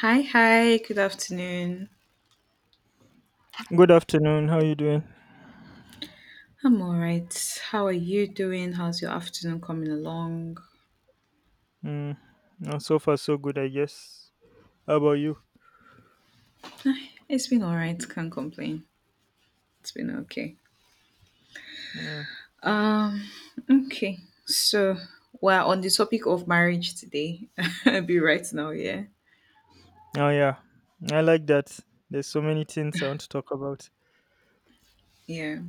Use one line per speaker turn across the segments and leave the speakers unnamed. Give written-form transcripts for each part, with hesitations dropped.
Hi, hi, good afternoon.
Good afternoon. How you doing?
I'm all right. How are you doing? How's your afternoon coming along?
Mm, so far, so good, I guess. How about you?
It's been all right, can't complain. It's been okay.
Mm.
Um, okay. So we're on the topic of marriage today. I'll be right now, yeah.
Oh, yeah. I like that. There's so many things I want to talk about.
Yeah.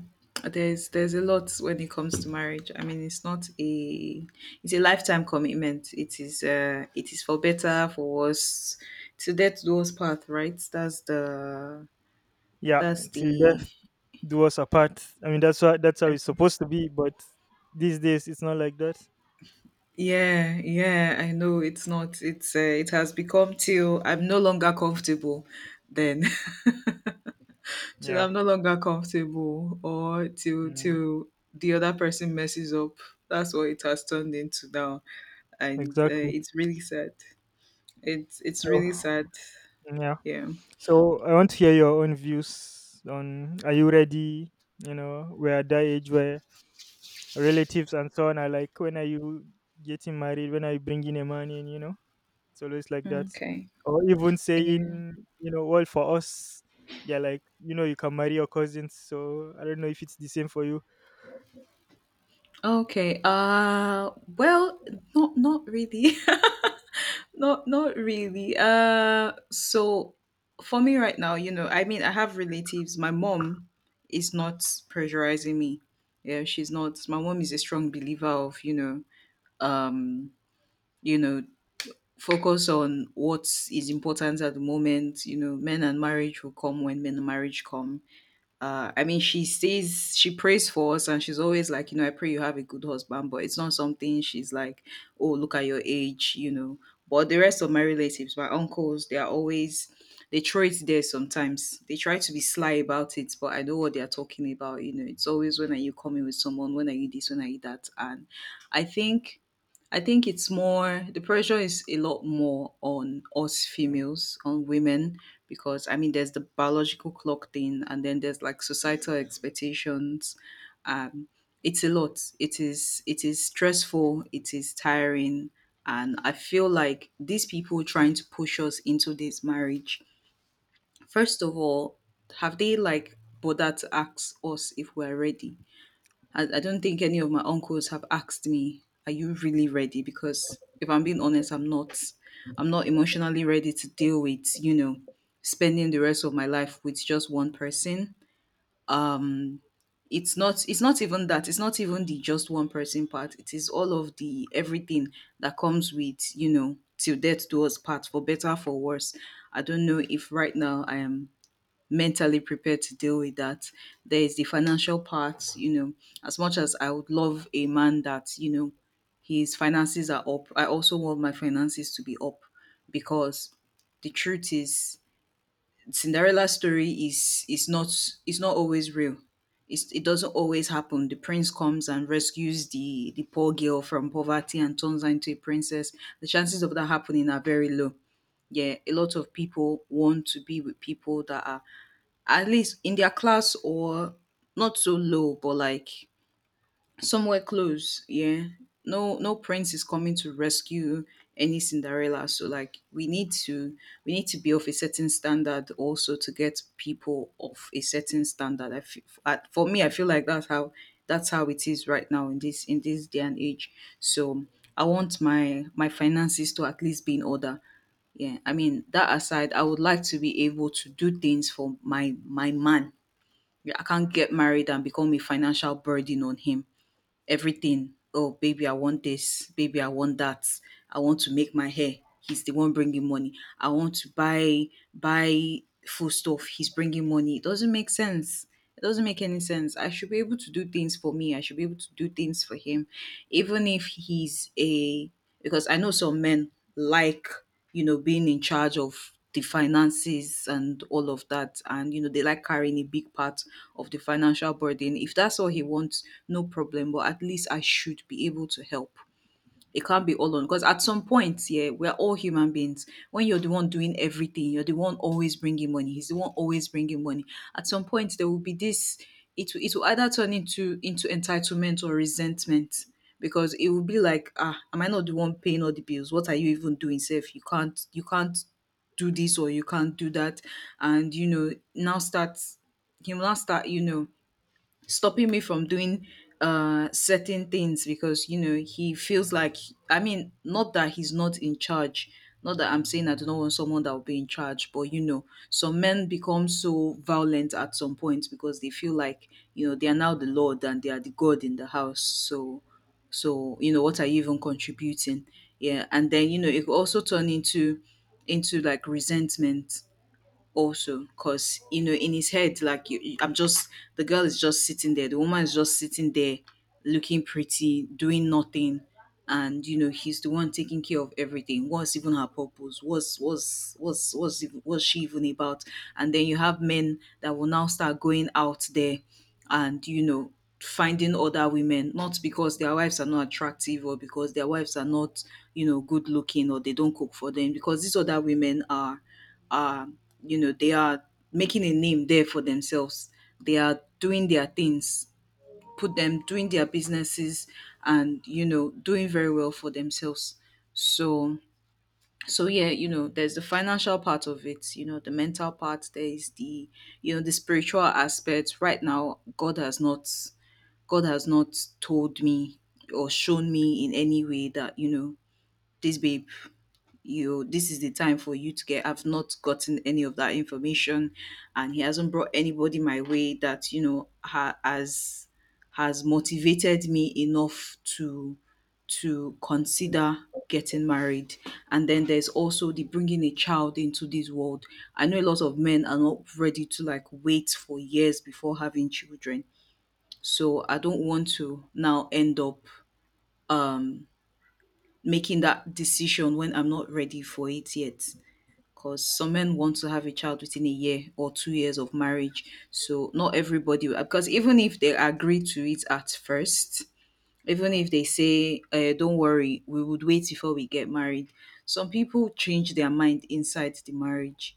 There's a lot when it comes to marriage. I mean, it's not a it's a lifetime commitment. It is for better, for worse. To death do us part, right?
Yeah,
That's
till
the
death do us apart. I mean, that's how it's
Exactly.
supposed to be, but these days it's not like that.
Yeah, yeah, I know it's not. It has become till I'm no longer comfortable. Then till
Yeah,
I'm no longer comfortable, or till
mm,
till the other person messes up. That's what it has turned into now, and
exactly.
it's really sad. It's
So
really sad.
yeah,
Yeah.
so I want to hear your own views on. Are you ready? You know, we're at that age where relatives and so on are like, when are you getting married? When are you bringing a man in? You know, it's always like that.
Okay.
Or even
Yeah.
saying, you know, well, for us, they're like, you know, you can marry your cousins. So I don't know if it's the same for you.
Okay. Well, not really. Not really. So for me right now, you know, I mean I have relatives. My mom is not pressurizing me. Yeah, she's not. My mom is a strong believer of, um, you know, focus on what is important at the moment, you know, men and marriage will come when men and marriage come. I mean, she says she prays for us, and she's always like, you know, I pray you have a good husband, but it's not something she's like, oh, look at your age. But the rest of my relatives, my uncles, they are always, they throw it there sometimes. They try to be sly about it, but I know what they are talking about. It's always when are you coming with someone? When are you this? When are you that? And I think I think it's more the pressure is a lot more on us females, on women, because I mean there's the biological clock thing and then there's like societal expectations. Um it's a lot. It is stressful, it is tiring, and I feel like these people trying to push us into this marriage, first of all, have they like bothered to ask us if we're ready? I don't think any of my uncles have asked me, "Are you really ready?" Because if I'm being honest, I'm not. I'm not emotionally ready to deal with spending the rest of my life with just one person. It's not. It's not even that. It's not even the just one person part. It is all of the everything that comes with till death do us part for better for worse. I don't know if right now I am mentally prepared to deal with that. There is the financial part, you know, as much as I would love a man that, you know, his finances are up, I also want my finances to be up because the truth is Cinderella's story is not always real. It doesn't always happen. The prince comes and rescues the poor girl from poverty and turns her into a princess. The chances of that happening are very low. Yeah, a lot of people want to be with people that are at least in their class or not so low, but like somewhere close. Yeah. No no prince is coming to rescue any Cinderella. So like we need to be of a certain standard also to get people of a certain standard. I feel, for me I feel like that's how it is right now in this day and age. So I want my finances to at least be in order. Yeah, I mean that aside, I would like to be able to do things for my man. I can't get married and become a financial burden on him. Everything. Oh, baby, I want this. Baby, I want that. I want to make my hair. He's the one bringing money. I want to buy food stuff. He's bringing money. It doesn't make sense. It doesn't make any sense. I should be able to do things for me. I should be able to do things for him, even if he's a, because I know some men like, you know, being in charge of the finances and all of that. And, you know, they like carrying a big part of the financial burden. If that's all he wants, no problem. But at least I should be able to help. It can't be all on, because at some point, yeah, we're all human beings. When you're the one doing everything, you're the one always bringing money. He's the one always bringing money. At some point, there will be this. It will either turn into entitlement or resentment because it will be like, ah, am I not the one paying all the bills? What are you even doing, Self? You can't do this or you can't do that, and you know now start he will now start stopping me from doing certain things because you know he feels like. I mean, not that he's not in charge, not that I'm saying I do not want someone that will be in charge, but you know some men become so violent at some point because they feel like you know they are now the lord and they are the god in the house. So so you know what are you even contributing? Yeah, and then you know it could also turn into resentment also, because you know in his head like you- I'm just the girl is just sitting there, the woman is just sitting there looking pretty doing nothing, and you know he's the one taking care of everything. What's even her purpose? What's she even about? And then you have men that will now start going out there and, you know, finding other women, not because their wives are not attractive or because their wives are not, you know, good looking, or they don't cook for them, because these other women are they are making a name there for themselves. They are doing their things, put them doing their businesses and, you know, doing very well for themselves. So, so, yeah, you know, there's the financial part of it, you know, the mental part, there is the spiritual aspect. Right now, God has not told me or shown me in any way that, you know, this babe, you, this is the time for you to get. I've not gotten any of that information, and he hasn't brought anybody my way that you know ha, has motivated me enough to consider getting married. And then there's also the bringing a child into this world. I know a lot of men are not ready to like wait for years before having children, so I don't want to now end up making that decision when I'm not ready for it yet, because some men want to have a child within a year or 2 years of marriage. So not everybody, because even if they agree to it at first, even if they say, "Don't worry, we would wait before we get married," some people change their mind inside the marriage.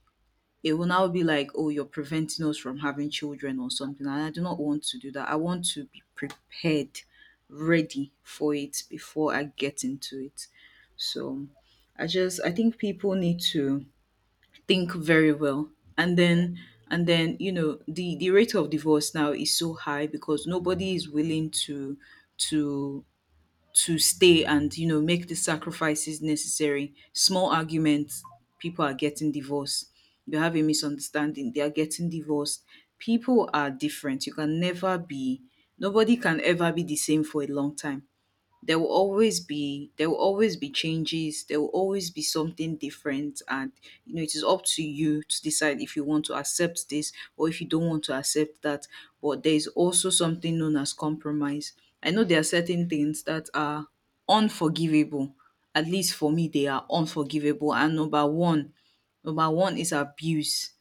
It will now be like, "Oh, you're preventing us from having children or something," and I do not want to do that. I want to be prepared, ready for it before I get into it. So I just I think people need to think very well, and then, and then, you know, the rate of divorce now is so high because nobody is willing to to stay and you know make the sacrifices necessary. Small arguments, people are getting divorced. You have a misunderstanding, they are getting divorced. People are different. You can never be, nobody can ever be the same for a long time. There will always be, there will always be changes, there will always be something different. And you know it is up to you to decide if you want to accept this or if you don't want to accept that, but there is also something known as compromise. I know there are certain things that are unforgivable, at least for me they are unforgivable, and number one is abuse.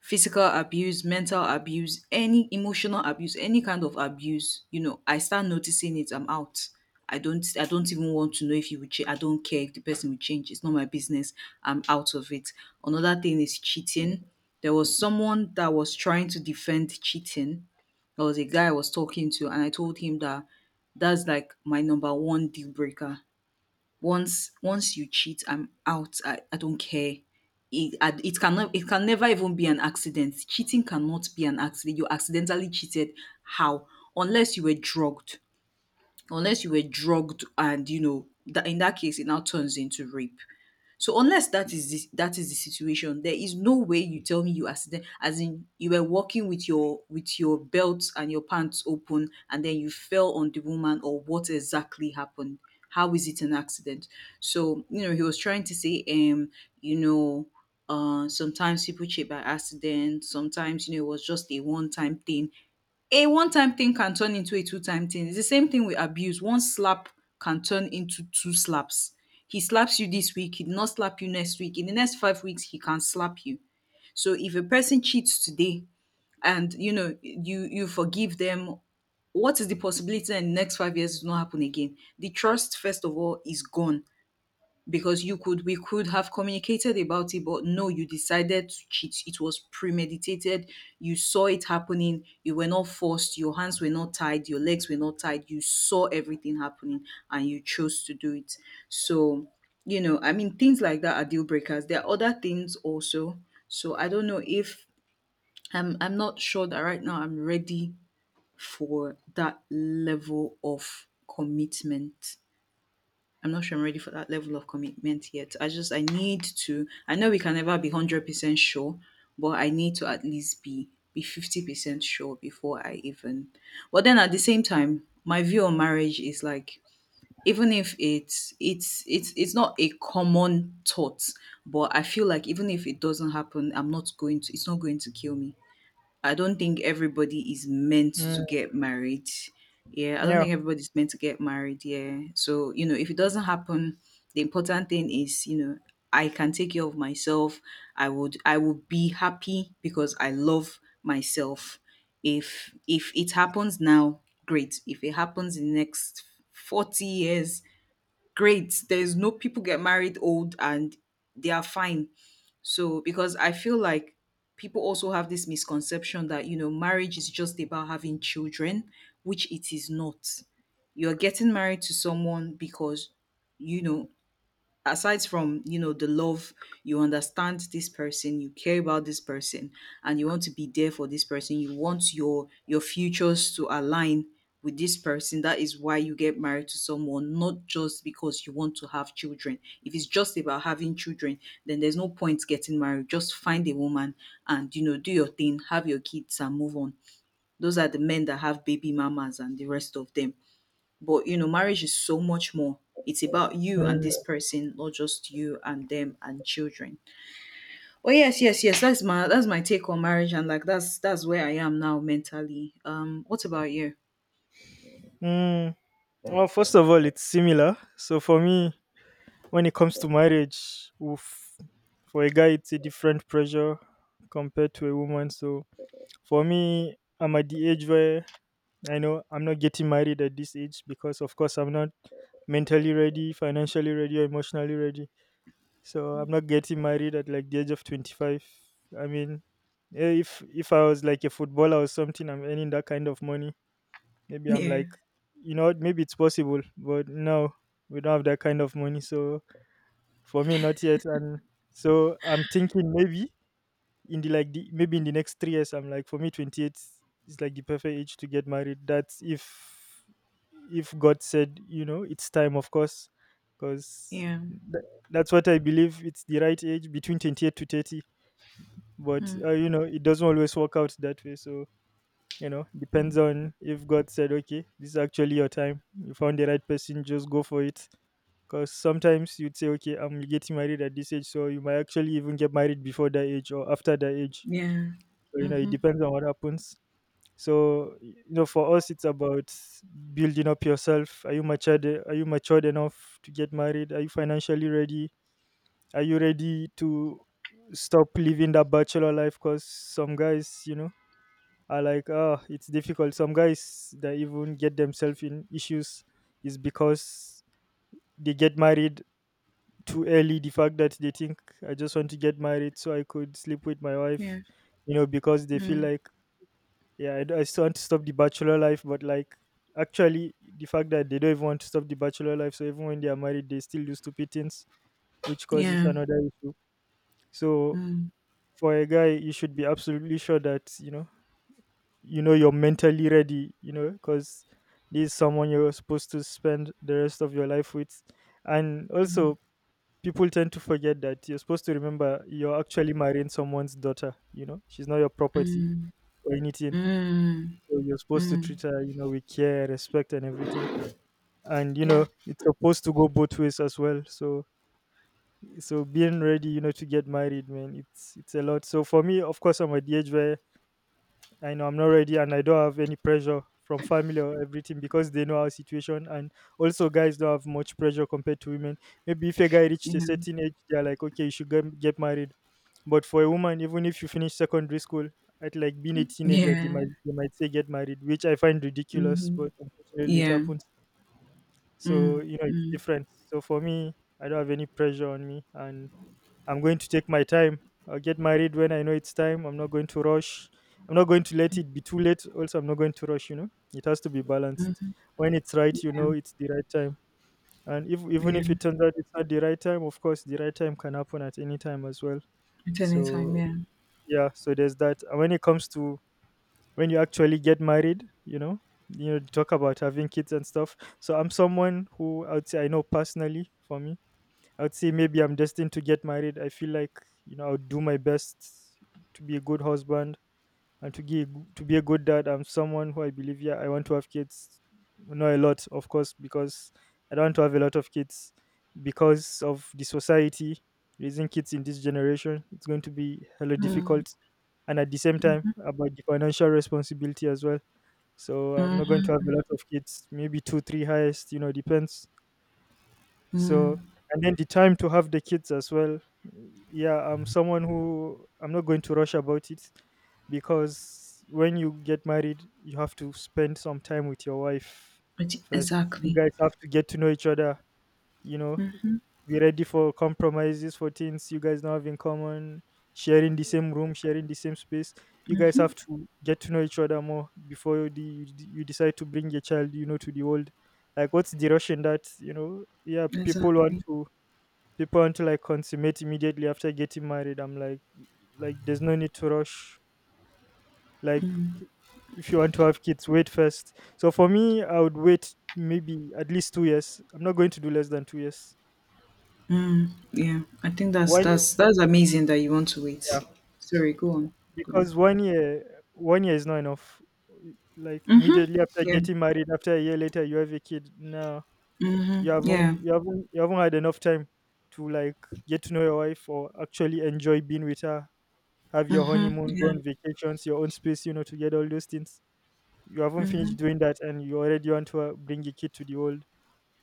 Physical abuse, mental abuse, any emotional abuse, any kind of abuse, you know, I start noticing it, I'm out. I don't even want to know if you would change. I don't care if the person will change. It's not my business. I'm out of it. Another thing is cheating. There was someone that was trying to defend cheating. There was a guy I was talking to and I told him that that's like my number one deal breaker. Once you cheat, I'm out. I don't care. It can never even be an accident. Cheating cannot be an accident. You accidentally cheated. How? Unless you were drugged. Unless you were drugged, and you know that in that case it now turns into rape. So unless that is the situation, there is no way you tell me you accident, as in you were walking with your belt and your pants open, and then you fell on the woman, or what exactly happened? How is it an accident? So you know he was trying to say, you know, sometimes people cheat by accident. Sometimes you know it was just a one time thing. A one time thing can turn into a two time thing. It's the same thing with abuse. One slap can turn into two slaps. He slaps you this week, he did not slap you next week. In the next 5 weeks, he can slap you. So if a person cheats today and you know you forgive them, what is the possibility that in the next 5 years it will not happen again? The trust, first of all, is gone because you could we could have communicated about it, but no, you decided to cheat. It was premeditated. You saw it happening, you were not forced, your hands were not tied, your legs were not tied. You saw everything happening and you chose to do it. So, you know, I mean, things like that are deal breakers. There are other things also. So I don't know if I'm not sure that right now I'm ready for that level of commitment. I'm not sure I'm ready for that level of commitment yet. I just I need to I know we can never be 100% sure, but I need to at least be 50% sure before I even. But then at the same time, my view on marriage is like, even if it's not a common thought, but I feel like even if it doesn't happen, I'm not going to it's not going to kill me. I don't think everybody is meant to
Mm,
get married. Yeah, I don't
yeah.
think everybody's meant to get married. Yeah. So, you know, if it doesn't happen, the important thing is, you know, I can take care of myself. I would be happy because I love myself. If it happens now, great. If it happens in the next 40 years, great. There's no, people get married old and they are fine. So, because I feel like people also have this misconception that, you know, marriage is just about having children, which it is not. You're getting married to someone because, you know, aside from, you know, the love, you understand this person, you care about this person, and you want to be there for this person. You want your futures to align with this person. That is why you get married to someone, not just because you want to have children. If it's just about having children, then there's no point getting married. Just find a woman and, you know, do your thing, have your kids and move on. Those are the men that have baby mamas and the rest of them. But, you know, marriage is so much more. It's about you and this person, not just you and them and children. Oh, yes, yes, yes. That's my take on marriage, and like that's where I am now mentally. What about you?
Mm. Well, first of all, it's similar. So for me, when it comes to marriage, oof, for a guy, it's a different pressure compared to a woman. So for me, I'm at the age where I know I'm not getting married at this age because, of course, I'm not mentally ready, financially ready, or emotionally ready. So I'm not getting married at like the age of 25. I mean, if I was like a footballer or something, I'm earning that kind of money. Maybe I'm
Yeah,
like, you know, what, maybe it's possible, but no, we don't have that kind of money. So for me, not yet. And so I'm thinking maybe in the next 3 years. I'm like, for me, 28 is like the perfect age to get married. That's if God said, you know, it's time, of course. Because
yeah,
that's what I believe. It's the right age between 28 to 30. But you know, it doesn't always work out that way. So you know, depends on if God said, okay, this is actually your time, you found the right person, just go for it. Because sometimes you'd say, okay, I'm getting married at this age, so you might actually even get married before that age or after that age.
yeah.
So you know, it
Mm-hmm.
depends on what happens. So you know, for us, it's about building up yourself. Are you matured? Are you matured enough to get married? Are you financially ready? Are you ready to stop living that bachelor life? Because some guys, you know, are like, ah, it's difficult. Some guys that even get themselves in issues is because they get married too early. The fact that they think I just want to get married so I could sleep with my wife,
Yeah.
you know, because they feel
Mm.
like, yeah, I still want to stop the bachelor life, but like actually the fact that they don't even want to stop the bachelor life, so even when they are married they still do stupid things, which causes
Yeah.
another issue. So
Mm.
for a guy you should be absolutely sure that, you know, you're mentally ready, you know, because this is someone you're supposed to spend the rest of your life with. And also people tend to forget that you're supposed to remember you're actually marrying someone's daughter, you know, she's not your property
Mm.
or anything.
Mm.
So you're supposed to
Mm.
treat her, you know, with care, respect, and everything. And you
Yeah.
know, it's supposed to go both ways as well. So, being ready, you know, to get married, man, it's a lot. So for me, of course, I'm at the age where I know I'm not ready and I don't have any pressure from family or everything because they know our situation, and also guys don't have much pressure compared to women. Maybe if a guy reached a
Yeah.
certain age, they're like, okay, you should get married. But for a woman, even if you finish secondary school at like being a teenager, they
Yeah.
might they might say get married, which I find ridiculous,
Mm-hmm.
but unfortunately it
Yeah.
happens. So
Mm.
you know it's
Mm.
different. So for me, I don't have any pressure on me, and I'm going to take my time. I'll get married when I know it's time. I'm not going to rush. I'm not going to let it be too late. Also, I'm not going to rush, you know. It has to be balanced. When it's right, you know it's the right time. And if even
Yeah.
if it turns out it's not the right time, of course the right time can happen at any time as well.
At any time,
So
yeah.
yeah, so there's that. And when it comes to when you actually get married, you know, talk about having kids and stuff. So I'm someone who I'd say I know personally for me I would say maybe I'm destined to get married. I feel like, you know, I'll do my best to be a good husband and to be a good dad. I'm someone who I believe, yeah, I want to have kids, not a lot of course, because I don't want to have a lot of kids because of the society raising kids in this generation. It's going to be hella
Mm.
difficult, and at the same time about the financial responsibility as well. So I'm not going
Mm-hmm.
to have a lot of kids, maybe two, three highest. You know, depends. So,
Mm.
and then the time to have the kids as well. Yeah, I'm someone who I'm not going to rush about it, because when you get married, you have to spend some time with your wife first. You
Exactly.
guys have to get to know each other, you know, be ready for compromises, for things you guys now have in common, sharing the same room, sharing the same space. You guys have to get to know each other more before you decide to bring your child, you know, to the world. Like, what's the rush in that? You know, yeah, people want
Exactly.
to people want to like consummate immediately after getting married. I'm like, there's no need to rush. Like, if you want to have kids, wait first. So for me, I would wait maybe at least 2 years. I'm not going to do less than 2 years.
Yeah. I think that's
One
that's that's amazing that you want to wait.
year,
Sorry, go on. Go on.
because one year is not enough. Like, immediately after
Yeah.
getting married, after a year later you have a kid now, you
Yeah.
haven't you haven't you haven't had enough time to like get to know your wife, or actually enjoy being with her, have your honeymoon, go on
Yeah.
vacations, your own space, you know, to get all those things. You haven't finished doing that and you already want to bring a kid to the world,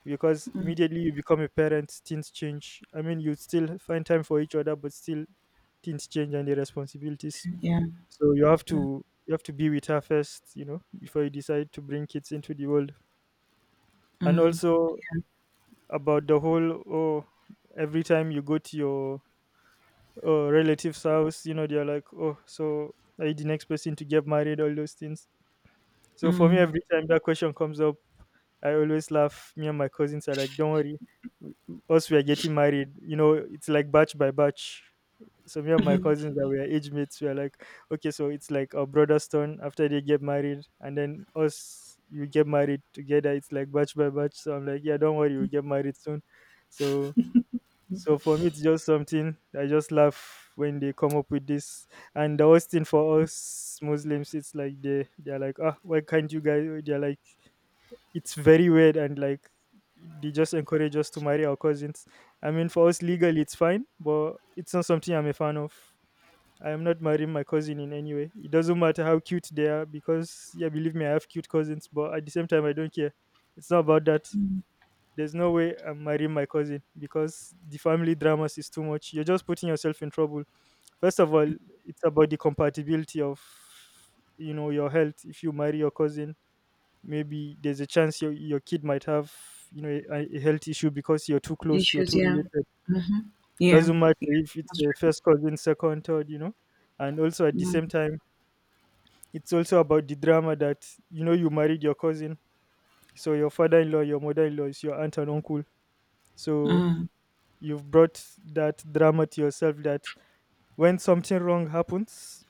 because immediately you become a parent things change. I mean, you still find time for each other but still, things change and the responsibilities.
Yeah.
So you have to be with her first, you know, before you decide to bring kids into the world. And also about the whole, oh, every time you go to your relative's house, you know, they're like, oh, so are you the next person to get married? All those things. So for me, every time that question comes up, I always laugh. Me and my cousins are like, "Don't worry, us we are getting married." You know, it's like batch by batch. So me and my cousins that we are age mates, we are like, okay, so it's like our brother's turn after they get married, and then us we get married together. It's like batch by batch. So I'm like, yeah, don't worry, we get married soon. So so, for me, it's just something I just laugh when they come up with this. And the worst thing for us Muslims, it's like they're like, ah, why can't you guys? They're like, it's very weird, and like they just encourage us to marry our cousins. I mean, for us legally, it's fine, but it's not something I'm a fan of. I am not marrying my cousin in any way. It doesn't matter how cute they are, because yeah, believe me, I have cute cousins, but at the same time, I don't care. It's not about that. There's no way I'm marrying my cousin because the family dramas is too much. You're just putting yourself in trouble. First of all, it's about the compatibility of, you know, your health. If you marry your cousin, maybe there's a chance your kid might have, you know, a health issue because you're too close, you're
Issues,
too
yeah.
related.
Hmm. Yeah.
Doesn't matter
Yeah.
if it's
That's
a first cousin, second, third, you know. And also at the
right.
same
Mm.
time, it's also about the drama that, you know, you married your cousin, so your father-in-law, your mother-in-law is your aunt and uncle. So
Mm.
you've brought that drama to yourself, that when something wrong happens,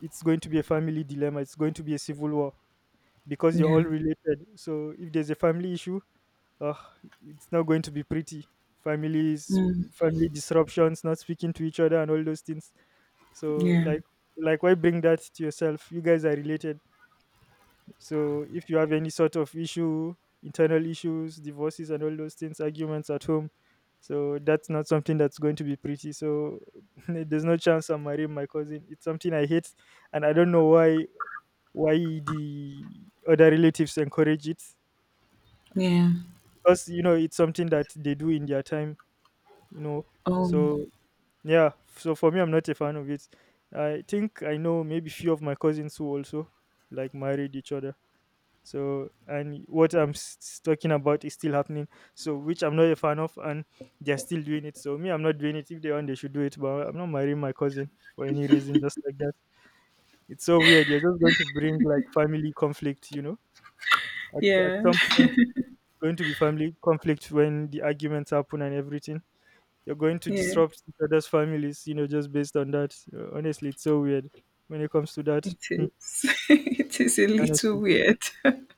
it's going to be a family dilemma. It's going to be a civil war because you're all
Yeah.
related. So if there's a family issue, uh, it's not going to be pretty. Families,
Mm.
family disruptions, not speaking to each other, and all those things. So
Yeah.
like, like, why bring that to yourself? You guys are related. So if you have any sort of issue, internal issues, divorces and all those things, arguments at home, so that's not something that's going to be pretty. So there's no chance I'm marrying my cousin. It's something I hate and I don't know why the other relatives encourage it.
Yeah.
Because you know it's something that they do in their time, you know.
Oh.
So yeah, so for me I'm not a fan of it. I think I know maybe few of my cousins who also like married each other. So, and what I'm talking about is still happening. So, which I'm not a fan of, and they're still doing it. So, me, I'm not doing it. If they want, they should do it. But I'm not marrying my cousin for any reason, just like that. It's so weird. You're just going to bring like family conflict, you know? At
Yeah.
some point, it's going to be family conflict when the arguments happen and everything. You're going to
Yeah.
disrupt each other's families, you know, just based on that. Honestly, it's so weird when it comes to that.
It
Hmm,
is. It is a little
honestly.
weird.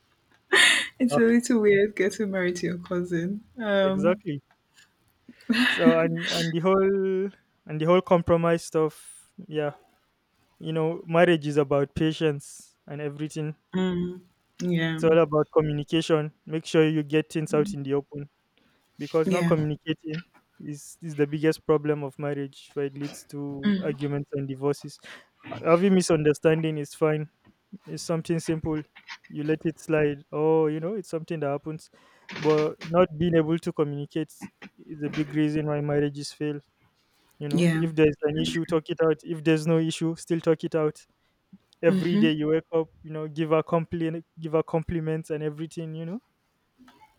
It's
Ah,
a little weird getting married to your cousin.
exactly. So and the whole and the whole compromise stuff, yeah, you know marriage is about patience and everything.
Mm, yeah.
It's all about communication. Make sure you get things out in the open, because not
Yeah.
communicating is the biggest problem of marriage, where it leads to arguments and divorces. Having misunderstanding is fine, it's something simple, you let it slide, oh you know it's something that happens. But not being able to communicate is a big reason why marriages fail. You know,
Yeah.
if there's an issue, talk it out. If there's no issue, still talk it out. Every day you wake up, you know, give her complaint, give her compliments and everything. You know,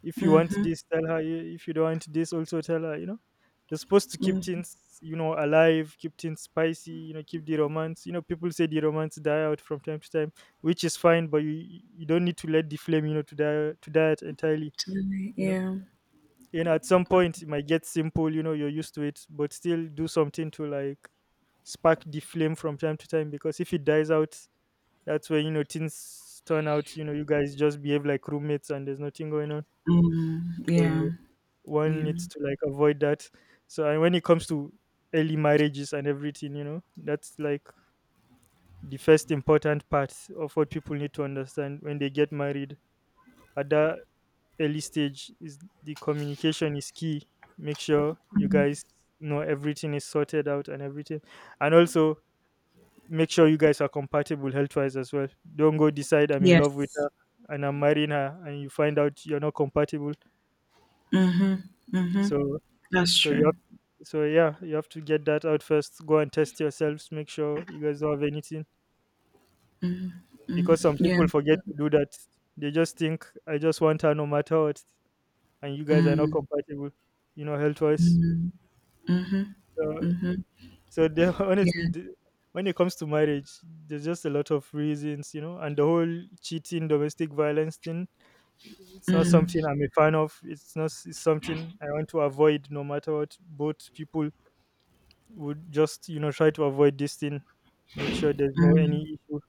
if you want this, tell her. If you don't want this, also tell her. You know, you're supposed to keep
Mm,
things, you know, alive, keep things spicy. You know, keep the romance. You know, people say the romance die out from time to time, which is fine, but you don't need to let the flame, you know, to die out entirely. You know,
yeah.
you know at some point it might get simple, you know you're used to it, but still do something to like spark the flame from time to time, because if it dies out, that's when you know things turn out, you know you guys just behave like roommates and there's nothing going on.
Mm. Yeah,
So one
yeah.
needs to like avoid that. So, and when it comes to early marriages and everything, you know that's like the first important part of what people need to understand when they get married at that early stage is the communication is key. Make sure you guys know everything is sorted out and everything. And also make sure you guys are compatible health-wise as well. Don't go decide I'm in love with
Yes,
her and I'm marrying her and you find out you're not compatible. So,
that's
so you
true.
have so yeah, you have to get that out first. Go and test yourselves, make sure you guys don't have anything, because some
Yeah,
people forget to do that. They just think I just want her no matter what, and you guys are not compatible, you know, health-wise. So, so there,
yeah,
honestly, when it comes to marriage, there's just a lot of reasons, you know, and the whole cheating, domestic violence thing. It's not something I'm a fan of. It's not it's something I want to avoid, no matter what. Both people would just, you know, try to avoid this thing. Make sure there's no any issue.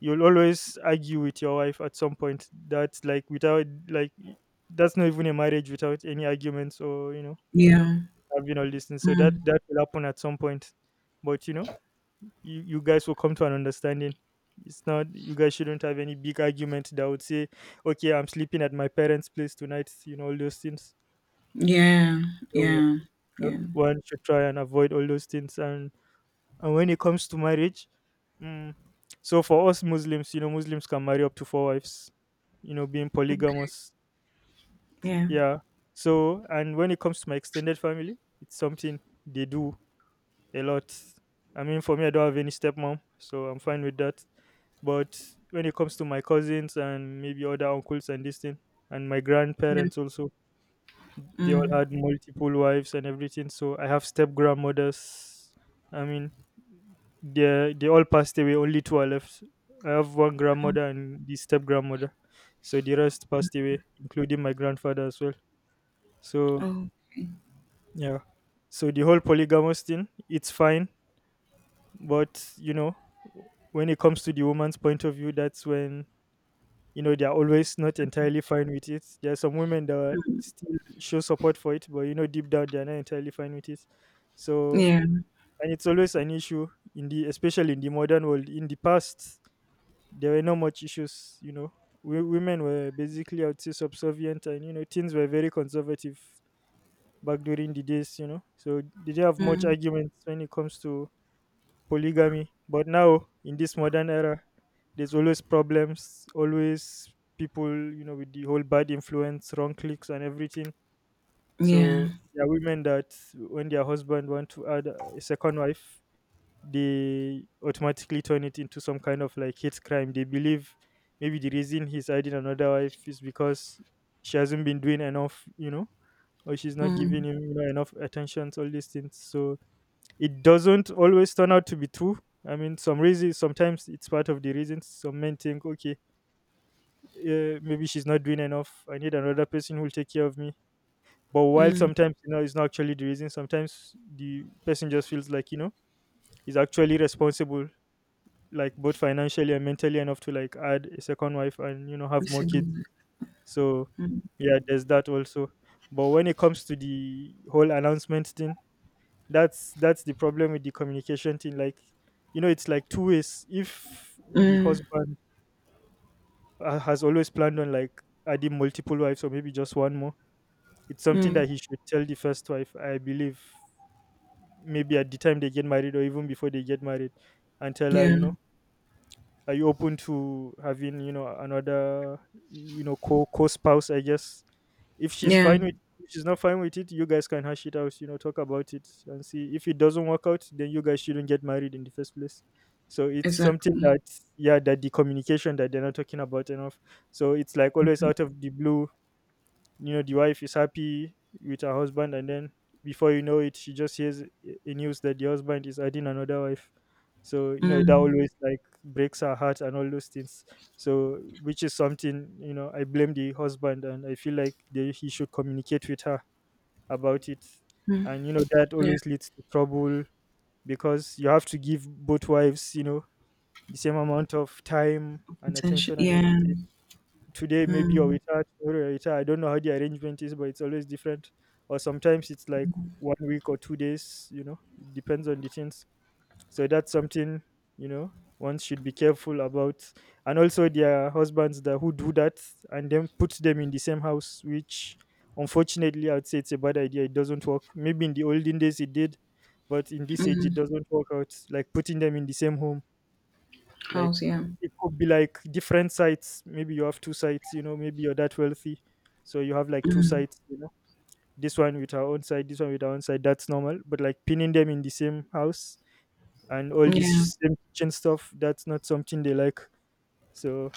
You'll always argue with your wife at some point. That's like without like that's not even a marriage without any arguments or you know
yeah,
having all these things. So that will happen at some point. But you know you guys will come to an understanding. It's not, you guys shouldn't have any big argument that would say okay I'm sleeping at my parents place tonight, you know, all those things.
yeah,
So you
yeah,
know,
yeah,
one should try and avoid all those things. And when it comes to marriage, mm, so for us Muslims, you know, Muslims can marry up to four wives, you know, being polygamous.
yeah,
Yeah. So, and when it comes to my extended family, it's something they do a lot. I mean, for me, I don't have any stepmom, so I'm fine with that. But when it comes to my cousins and maybe other uncles and this thing, and my
yeah.
grandparents also, they all
Mm.
had multiple wives and everything. So I have step grandmothers. I mean, they all passed away. Only two are left. I have one
Oh,
grandmother and the step grandmother. So the rest passed away, including my grandfather as well. So
oh,
yeah. So the whole polygamous thing, it's fine, but you know when it comes to the woman's point of view, that's when you know they're always not entirely fine with it. There are some women that are still show support for it, but you know deep down they're not entirely fine with it. So,
yeah,
and it's always an issue in the, especially in the modern world. In the past, there were no much issues, you know. Women were basically, I would say, subservient, and you know things were very conservative back during the days, you know, so they didn't have much
mm,
arguments when it comes to polygamy. But now, in this modern era, there's always problems, always people, you know, with the whole bad influence, wrong clicks, and everything.
yeah.
So there are women that, when their husband want to add a second wife, they automatically turn it into some kind of like hate crime. They believe maybe the reason he's adding another wife is because she hasn't been doing enough, you know, or she's not giving him you know, enough attention. All these things. So it doesn't always turn out to be true. I mean, some reasons, sometimes it's part of the reasons. Some men think, okay, maybe she's not doing enough. I need another person who will take care of me. But while sometimes, you know, it's not actually the reason, sometimes the person just feels like, you know, he's actually responsible, like both financially and mentally enough to like add a second wife and, you know, have
It's
more
a good
kids.
one.
So, yeah, there's that also. But when it comes to the whole announcement thing, that's the problem with the communication thing, like you know it's like two ways. If the
Mm,
husband has always planned on like adding multiple wives or maybe just one more, it's something
mm,
that he should tell the first wife, I believe, maybe at the time they get married or even before they get married, and tell her,
yeah,
you know, are you open to having you know another you know co spouse, I guess? If she's
yeah,
fine with, if she's not fine with it, you guys can hash it out. You know, talk about it and see, if it doesn't work out, then you guys shouldn't get married in the first place. So it's something
exactly.
that, yeah, that the communication that they're not talking about enough. So it's like always out of the blue, you know the wife is happy with her husband, and then before you know it she just hears a news that the husband is adding another wife. So you know that
Mm,
always like breaks her heart and all those things. So which is something, you know, I blame the husband and I feel like they, he should communicate with her about it. And you know that
yeah,
always leads to trouble, because you have to give both wives, you know, the same amount of time and
potential.
attention and
Yeah,
everything. Today maybe, or
mm,
with her tomorrow, or with her. I don't know how the arrangement is, but it's always different. Or sometimes it's like one week or 2 days, you know, it depends on the things. So that's something, you know, one should be careful about. And also their husbands that who do that and then put them in the same house, which unfortunately I would say it's a bad idea. It doesn't work. Maybe in the olden days it did, but in this age it doesn't work out. Like putting them in the same home, like
house. Yeah,
it could be like different sites. Maybe you have two sites, you know, maybe you're that wealthy. So you have like two sites, you know, this one with our own side, this one with our own side. That's normal. But like pinning them in the same house and all
yeah,
this same kitchen stuff, that's not something they like. So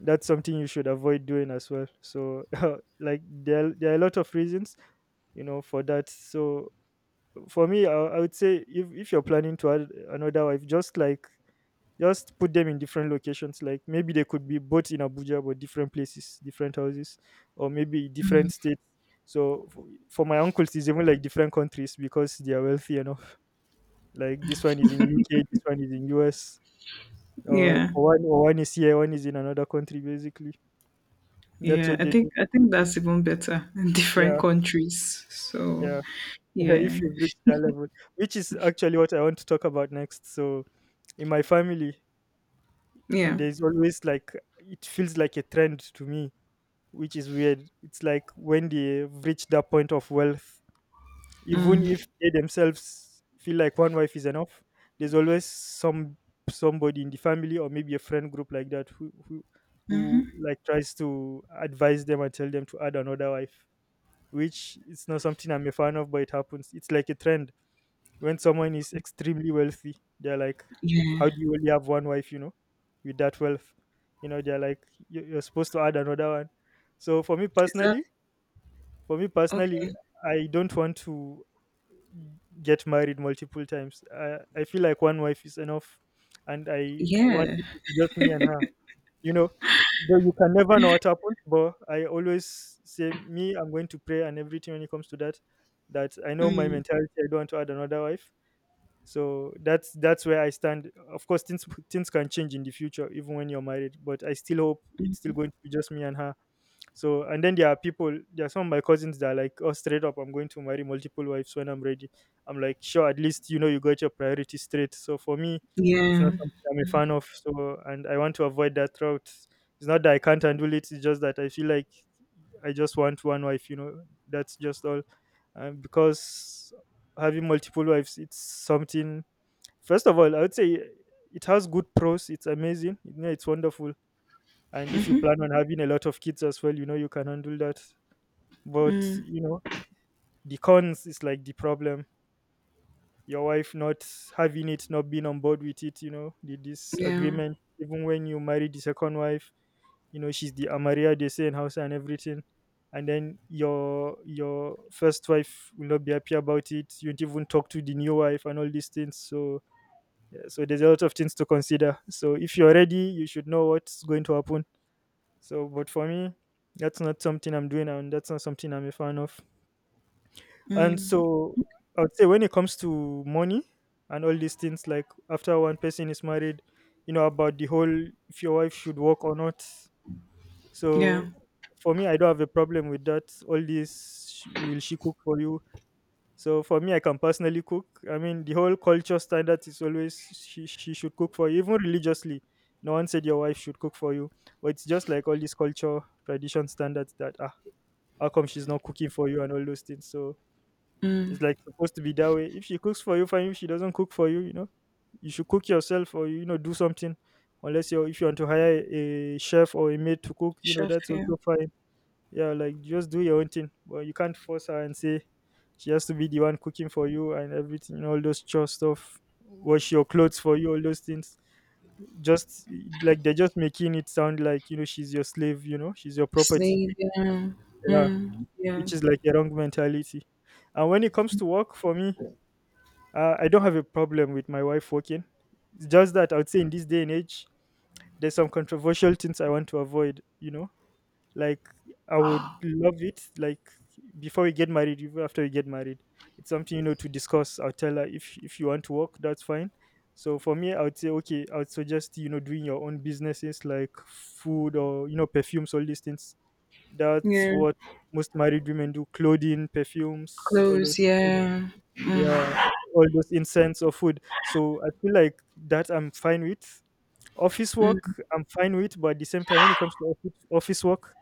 that's something you should avoid doing as well. So like there are a lot of reasons, you know, for that. So for me I would say if you're planning to add another wife, just like just put them in different locations. Like maybe they could be both in Abuja but different places, different houses, or maybe different states. So for my uncles it's even like different countries because they are wealthy enough. Like this one is in UK, this one is in US, uh, or
yeah,
one is here, one is in another country basically. That's
yeah.
what
I
they do.
think I think that's even better in different
Yeah.
countries. So,
Yeah.
yeah,
If you've reached that level, which is actually what I want to talk about next. So in my family
yeah,
there's always like, it feels like a trend to me, which is weird. It's like when they've reached that point of wealth, even if they themselves feel like one wife is enough, there's always some, somebody in the family or maybe a friend group like that who like tries to advise them and tell them to add another wife, which it's not something I'm a fan of, but it happens. It's like a trend. When someone is extremely wealthy, they're like,
yeah.
"How do you only have one wife, you know, with that wealth?" You know, they're like, You're supposed to add another one." So for me
Is that
personally, for me personally
Okay.
I don't want to get married multiple times. I feel like one wife is enough, and I want
Yeah.
it to be just me and her, you know. Though you can never know what happens, but I always say, me, I'm going to pray and everything when it comes to that, that I know my mentality. I don't want to add another wife. So that's where I stand. Of course things can change in the future even when you're married, but I still hope it's still going to be just me and her. So, and then there are people, there are some of my cousins that are like, oh, straight up, I'm going to marry multiple wives when I'm ready. I'm like, sure, at least you know you got your priorities straight. So for me, it's
Yeah.
not something I'm a fan of. So, and I want to avoid that route. It's not that I can't handle it, it's just that I feel like I just want one wife, you know. That's just all. Because having multiple wives, it's something. First of all, I would say it has good pros. It's amazing. You know, it's wonderful. And if you plan on having a lot of kids as well, you know, you can handle that. But, you know, the cons is like the problem. Your wife not having it, not being on board with it, you know, the
Yeah.
disagreement. Even when you marry the second wife, you know, she's the Amaria, they say in house and everything. And then your first wife will not be happy about it. You don't even talk to the new wife and all these things. So, yeah, so there's a lot of things to consider. So if you're ready, you should know what's going to happen. So, but for me, that's not something I'm doing, and that's not something I'm a fan of. And
Mm.
so I would say when it comes to money and all these things, like after one person is married, you know, about the whole if your wife should work or not.
Yeah.
So for me, I don't have a problem with that. All this, will she cook for you? So for me, I can personally cook. I mean, the whole culture standard is always she should cook for you, even religiously. No one said your wife should cook for you, but it's just like all these culture tradition standards that, ah, how come she's not cooking for you and all those things. So it's like supposed to be that way. If she cooks for you, fine. If she doesn't cook for you, you know, you should cook yourself or, you know, do something. Unless you are, if you want to hire a chef or a maid to cook, you know,
Chef.
that's
Yeah.
also fine. Yeah, like just do your own thing, but you can't force her and say she has to be the one cooking for you and everything, all those chore stuff, wash your clothes for you, all those things, just like they're just making it sound like, you know, she's your slave, you know, she's your property.
Slave. Yeah.
Yeah,
Mm. Yeah.
which is like a wrong mentality. And when it comes to work, for me, I don't have a problem with my wife working. It's just that I would say in this day and age there's some controversial things I want to avoid, you know. Like, I would love it. Like before we get married, even after we get married, it's something, you know, to discuss. I'll tell her, if you want to work, that's fine. So for me, I would say okay. I would suggest, you know, doing your own businesses like food or, you know, perfumes, all these things. That's
Yeah.
what most married women do: clothing, perfumes, all
Clothes.
those things.
Yeah.
Yeah, all those incense or food. So I feel like that I'm fine with. Office
Mm.
work I'm fine with, but at the same time when it comes to office work,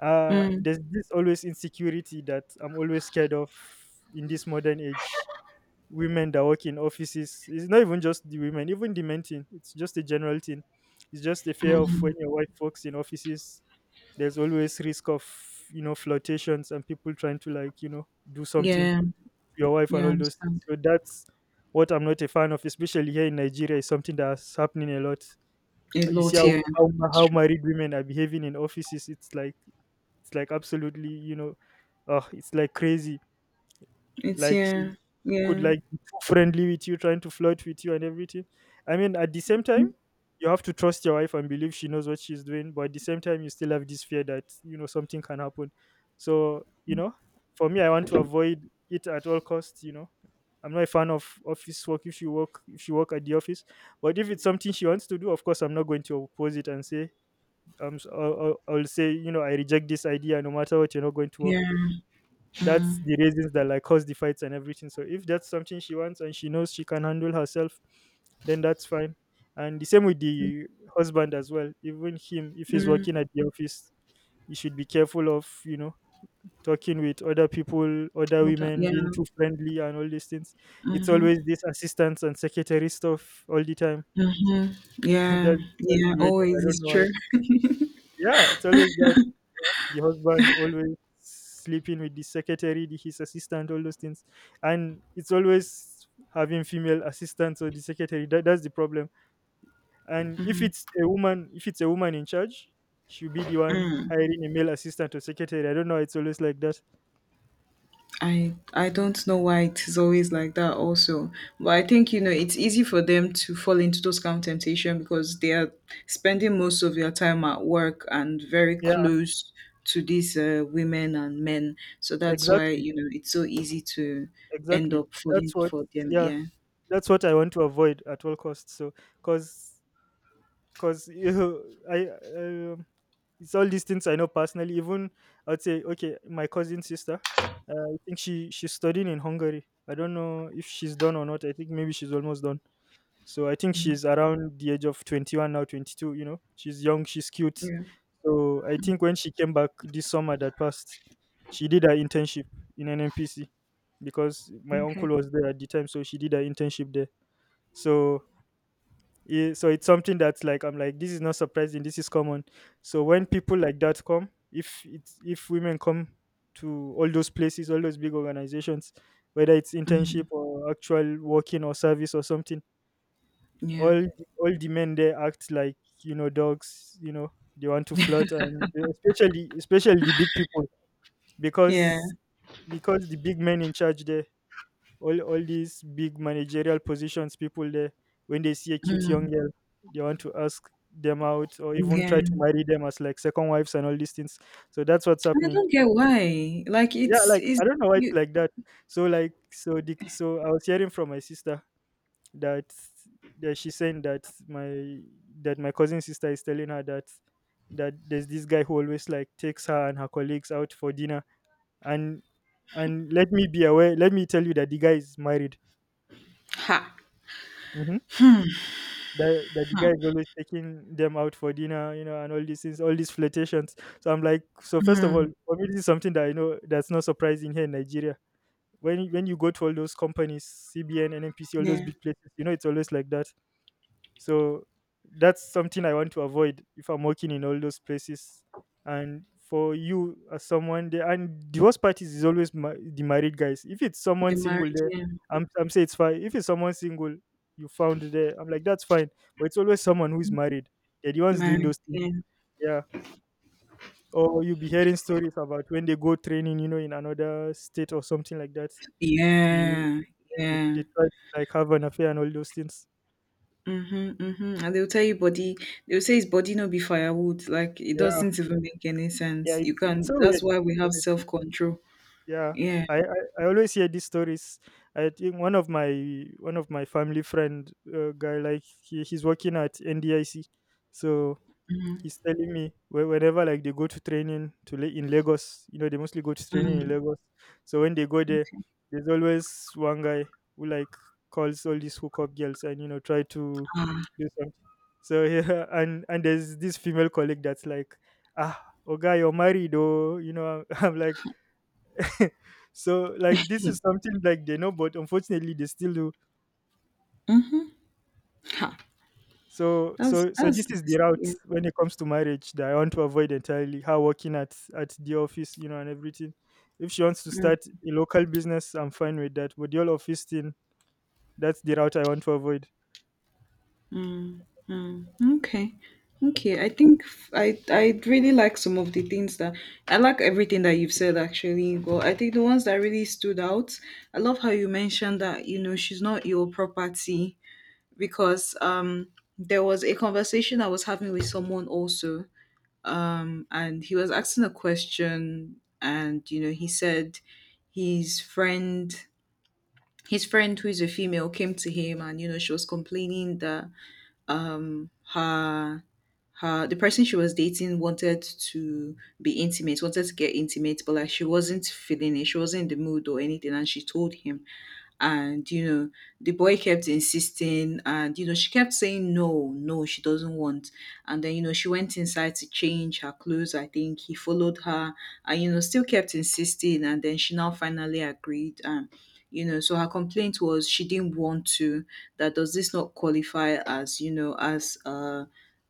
Mm.
there's this always insecurity that I'm always scared of in this modern age. Women that work in offices. It's not even just the women, even the men thing. It's just a general thing. It's just a fear of when your wife works in offices. There's always risk of, you know, flirtations and people trying to, like, you know, do something to
Yeah.
your wife and
Yeah. I
all those things.
understand.
So that's what I'm not a fan of, especially here in Nigeria. Is something that's happening a lot.
A
You see
lot. Yeah. That's
how
true.
married women are behaving in offices. It's like, it's like absolutely, you know, it's like crazy.
It's
Like
yeah.
she could
Yeah.
like be too friendly with you, trying to flirt with you and everything. I mean, at the same time, you have to trust your wife and believe she knows what she's doing, but at the same time, you still have this fear that, you know, something can happen. So, you know, for me, I want to avoid it at all costs. You know, I'm not a fan of office work. If you work at the office, but if it's something she wants to do, of course, I'm not going to oppose it and say, I'll say, you know, I reject this idea no matter what, you're not going to
Yeah.
work. That's
Mm.
the reasons that like cause the fights and everything. So if that's something she wants and she knows she can handle herself, then that's fine. And the same with the husband as well. Even him, if he's
Mm.
working at the office, he should be careful of, you know, talking with other people, other
All that.
women,
Yeah.
being too friendly and all these things. It's always this assistants and secretary stuff all the time.
Mm.
that's,
Yeah.
that's
Yeah.
the way. I
Always.
don't
It's
know why.
true.
Yeah, it's always that, you know, the husband always sleeping with the secretary, his assistant, all those things, and it's always having female assistants or the secretary. That's the problem. And if it's a woman, in charge, she'll be the one hiring a male assistant or secretary. I don't know. It's always like that.
I don't know why it is always like that also. But I think, you know, it's easy for them to fall into those kind of temptation because they are spending most of their time at work and very
Yeah,
close to these women and men. So that's why,
exactly,
you know, it's so easy to end
exactly.
up
That's
falling
what.
for them.
Yeah,
Yeah.
that's what I want to avoid at all costs. So, cause, cause you know, I. Um, It's all these things I know personally. Even, I'd say, okay, my cousin sister, I think she's studying in Hungary. I don't know if she's done or not. I think maybe she's almost done. So I think she's around the age of 21 now, 22. You know, she's young, she's cute.
Yeah.
So I think when she came back this summer that passed, she did her internship in an NPC because my uncle
Okay.
was there at the time. So she did her internship there. So yeah, so it's something that's like, I'm like, this is not surprising. This is common. So when people like that come, if it's if women come to all those places, all those big organizations, whether it's internship or actual working or service or something,
Yeah.
all all the men there act like, you know, dogs. They want to flirt, and especially the big people,
Yeah.
because because the big men in charge there, all these big managerial positions people there, when they see a cute young girl, they want to ask them out or even try to
Yeah.
marry them as like second wives and all these things. So that's what's
And I
happening.
don't get why. Like,
Yeah,
it's
like,
is
I don't know why it's
you.
like that. So, like, so the, so I was hearing from my sister that that she's saying that my cousin sister is telling her that there's this guy who always like takes her and her colleagues out for dinner, and and let me be aware, let me tell you that the guy is married.
Ha.
Mhm. That the guy
Ha.
is always taking them out for dinner, and all these things, all these flirtations. So I'm like, so first of all,
Hmm.
for me, this is something that I know that's not surprising here in Nigeria. When you go to all those companies, CBN, NNPC, all those
Yeah.
big places, it's always like that. So that's something I want to avoid if I'm working in all those places. And for you as someone there, and divorce parties is always the married guys. If it's someone
The
single
married.
there,
Yeah.
I'm say it's fine. If it's someone single you found there, I'm like that's fine. But it's always someone who is married. They're the ones doing
Married.
those things.
Yeah.
Yeah. Or you'll be hearing stories about when they go training in another state or something like that. They,
Yeah,
they
yeah.
try to like have an affair and all those things.
Mhm, mhm. And they'll say his body no be firewood. Like, it
Yeah.
doesn't even make any
Yeah.
sense. You
It's
can
so
that's
weird,
why we have
honestly.
self control.
Yeah,
Yeah.
I always hear these stories. I think one of my family friend guy, like, he's working at NDIC, so he's telling me, whenever like they go to training in Lagos. They mostly go to training in
Mm,
Lagos. So when they go there, there's always one guy who like calls all these hookup girls and try to
ah,
do something. So yeah, and there's this female colleague that's like, ah, oh guy, you're married, oh, you know. I'm like, so, like, this is something like they know, but unfortunately they still do.
mhm. Ha.
So
That's
so so this
that's
is the
nasty. Yeah.
route when it comes to marriage that I want to avoid entirely. Her working at the office, and everything. If she wants to start a local business, I'm fine with that. But the whole office thing, that's the route I want to avoid.
Okay. Okay. I think f- I really like some of the things that I like everything that you've said actually, but I think the ones that really stood out, I love how you mentioned that, you know, she's not your property, because there was a conversation I was having with someone also, um, and he was asking a question, and, you know, he said his friend, his friend, who is a female, came to him, and, you know, she was complaining that her her the person she was dating wanted to be intimate, wanted to get intimate, but like, she wasn't feeling it, she wasn't in the mood or anything, and she told him, and, you know, the boy kept insisting, and, you know, she kept saying no, no, she doesn't want. And then, you know, she went inside to change her clothes. I think he followed her and, you know, still kept insisting. And then she now finally agreed. And, you know, so her complaint was she didn't want to. That Does this not qualify as, you know, as, uh,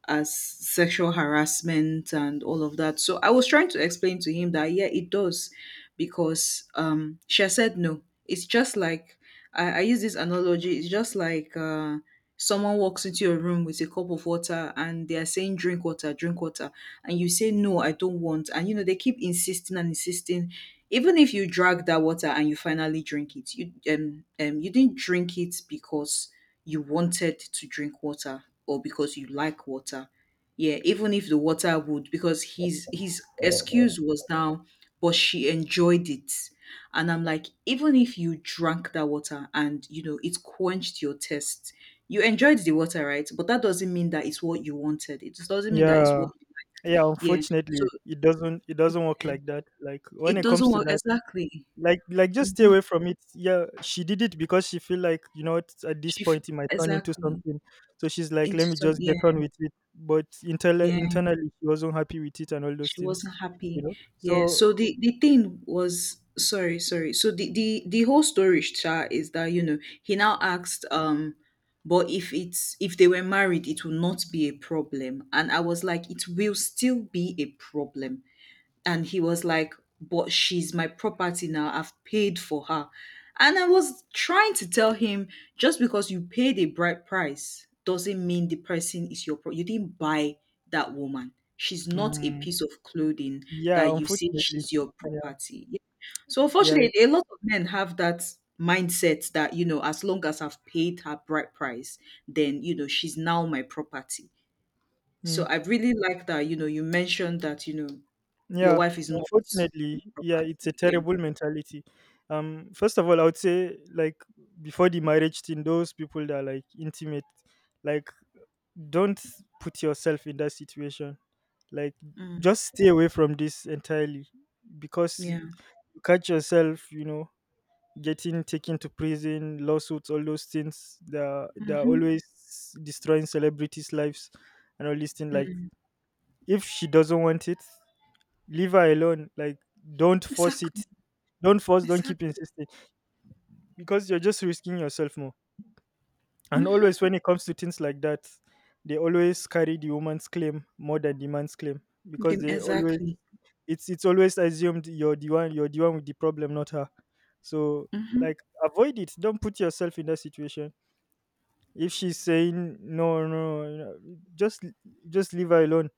as sexual harassment and all of that? So I was trying to explain to him that yeah, it does, because she had said no. It's just like I use this analogy. It's just like, someone walks into your room with a cup of water and they are saying, drink water, drink water. And you say, no, I don't want. And, you know, they keep insisting and insisting. Even if you drag that water and you finally drink it, you didn't drink it because you wanted to drink water or because you like water. Yeah, even if the water would, because his excuse was now, but she enjoyed it, and I'm like, even if you drank that water and you know it quenched your thirst, you enjoyed the water, right? But that doesn't mean that it's what you wanted. It just doesn't mean that it's
Yeah,
what.
yeah.
Yeah. So
Unfortunately, it doesn't work like that. Like, when
it
it comes
doesn't
to
work
that,
exactly.
like just stay
Mhm.
away from it. Yeah, she did it because she feel like, you know what, at this
She f-
point it might turn into
exactly.
something, so she's like,
Into
let me
some,
just get
yeah,
on with it, but internally
yeah,
internally she wasn't happy with it and all those
she
things,
wasn't happy. Yeah.
so.
So the thing was, sorry, sorry, so the the whole story, Sha, is that, you know, he now asked, but if they were married it will not be a problem. And I was like, it will still be a problem. And he was like, "But she's my property now. I've paid for her." And I was trying to tell him, just because you paid a bright price doesn't mean the person is you didn't buy that woman. She's not a
Mm,
piece of clothing
yeah.
that you say
Unfortunately.
she's your
Yeah.
property. Yeah. So
Yeah.
unfortunately, a lot of men have that mindset that, you know, as long as I've paid her bright price, then, you know, she's now my property. So
Mm,
I really like that, you know, you mentioned that, you know, your
yeah.
wife is not
Unfortunately. Yeah, it's a
property. Yeah.
terrible mentality. First of all, I would say, like, before the marriage thing, those people that are like intimate, like, don't put yourself in that situation. Like,
Mm,
just stay away from this entirely because
yeah.
you catch yourself, getting taken to prison, lawsuits, all those things. They're
Mhm.
always destroying celebrities' lives and all these things. Like,
Mm.
if she doesn't want it, leave her alone. Like, don't force
Exactly.
it. Don't force, don't keep
Exactly.
insisting, because you're just risking yourself more. And
Mhm.
always, when it comes to things like that, they always carry the woman's claim more than the man's claim, because
Them,
they always
exactly.
it's always assumed you're the one with the problem, not her. So,
Mhm.
like, avoid it. Don't put yourself in that situation. If she's saying no, no, no," just just leave her alone.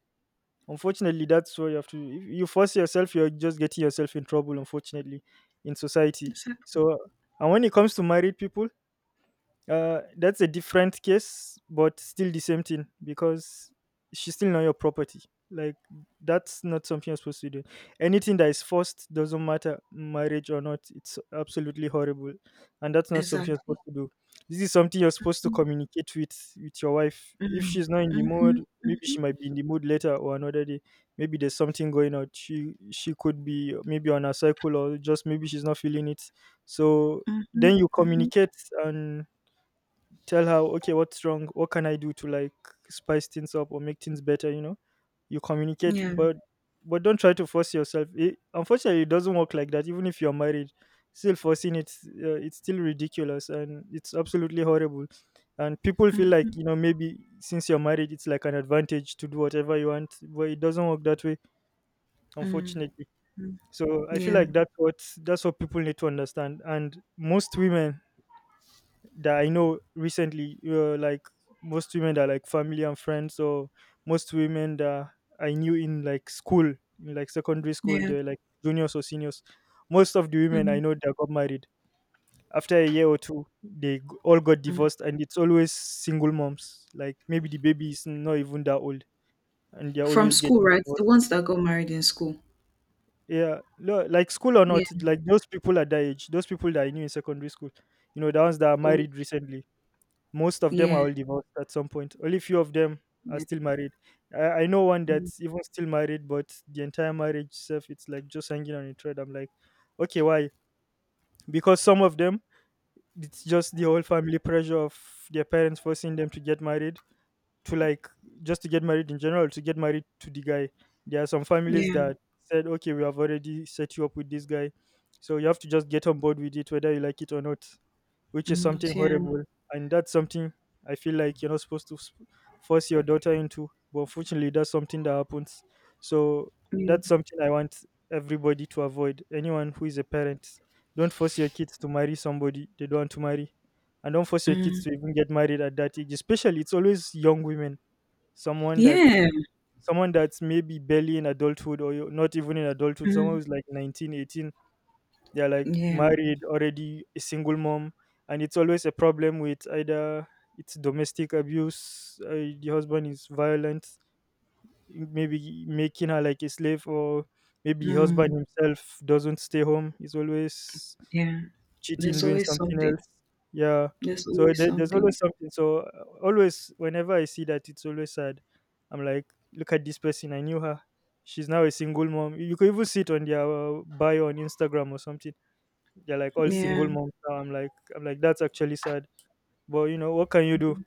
Unfortunately, that's what you have to. If you force yourself, you're just getting yourself in trouble. Unfortunately, in society.
Exactly.
So, and when it comes to married people, that's a different case, but still the same thing, because she's still not your property. Like, that's not something you're supposed to do. Anything that is forced doesn't matter, marriage or not. It's absolutely horrible, and that's not something you're
Exactly.
supposed to do. This is something you're supposed to
Mhm.
communicate with your wife. If
Mm.
she's not in the mood,
Mhm.
maybe she
Mhm.
might be in the mood later or another day. Maybe there's something going on. She could be maybe on a cycle, or just maybe she's not feeling it. So then
Mhm.
you
Mhm.
communicate and tell her, okay, what's wrong? What can I do to, like, spice things up or make things better? You communicate,
Yeah.
but don't try to force yourself. It, unfortunately, it doesn't work like that. Even if you're married, still forcing it, it's still ridiculous and it's absolutely horrible. And people feel like
Mm.
you know maybe since you're married, it's like an advantage to do whatever you want, but it doesn't work that way,
Mm.
unfortunately. So I feel
Yeah.
like that's what people need to understand. And most women that I know recently, like most women that are like family and friends, or most women that I knew in, like, school, in, like, secondary school,
Yeah.
they're like juniors or seniors. Most of the women I
Mm.
know that got married after a year or two, they all got
Mm.
divorced, and it's always single moms. Like, maybe the baby is not even that old, and they're
From
always
school,
getting
right? The
divorced.
ones that got married in school.
Yeah, like school or
Yeah.
not, like those people at that age, those people that I knew in secondary school, the ones that are
Oh,
married recently. Most of them are
yeah.
all divorced at some point. Only few of them are
Yeah.
still married. I know one
Mm.
that's even still married, but the entire marriage itself, it's like just hanging on a thread. I'm like, okay, why? Because some of them, it's just the whole family pressure of their parents forcing them to get married, to, like, just to get married in general, to get married to the guy. There are some families
Yeah.
that said, okay, we have already set you up with this guy. So you have to just get on board with it, whether you like it or not, which is something
Not, yeah.
horrible. And that's something I feel like you're not supposed to force your daughter into. But unfortunately, that's something that happens. So
Mm.
that's something I want everybody to avoid. Anyone who is a parent, don't force your kids to marry somebody they don't want to marry. And don't force your kids
Mm.
to even get married at that age. Especially, it's always young women. Someone that's
Yeah.
someone that's maybe barely in adulthood, or you're not even in adulthood, someone
Mm.
who's like 19, 18. They're like
Yeah.
married already, a single mom, and it's always a problem with either it's domestic abuse, the husband is violent, maybe making her like a slave, or maybe the husband
Mm.
himself doesn't stay home, he's always
Yeah.
cheating,
There's
doing
always
something
something.
else. Yeah,
There's
so
always
there's
something.
always something. So, always whenever I see that, it's always sad. I'm like, look at this person, I knew her, she's now a single mom. You could even see it on their bio on Instagram or something. They're like all
Yeah.
single moms now. I'm like that's actually sad. But what can you do?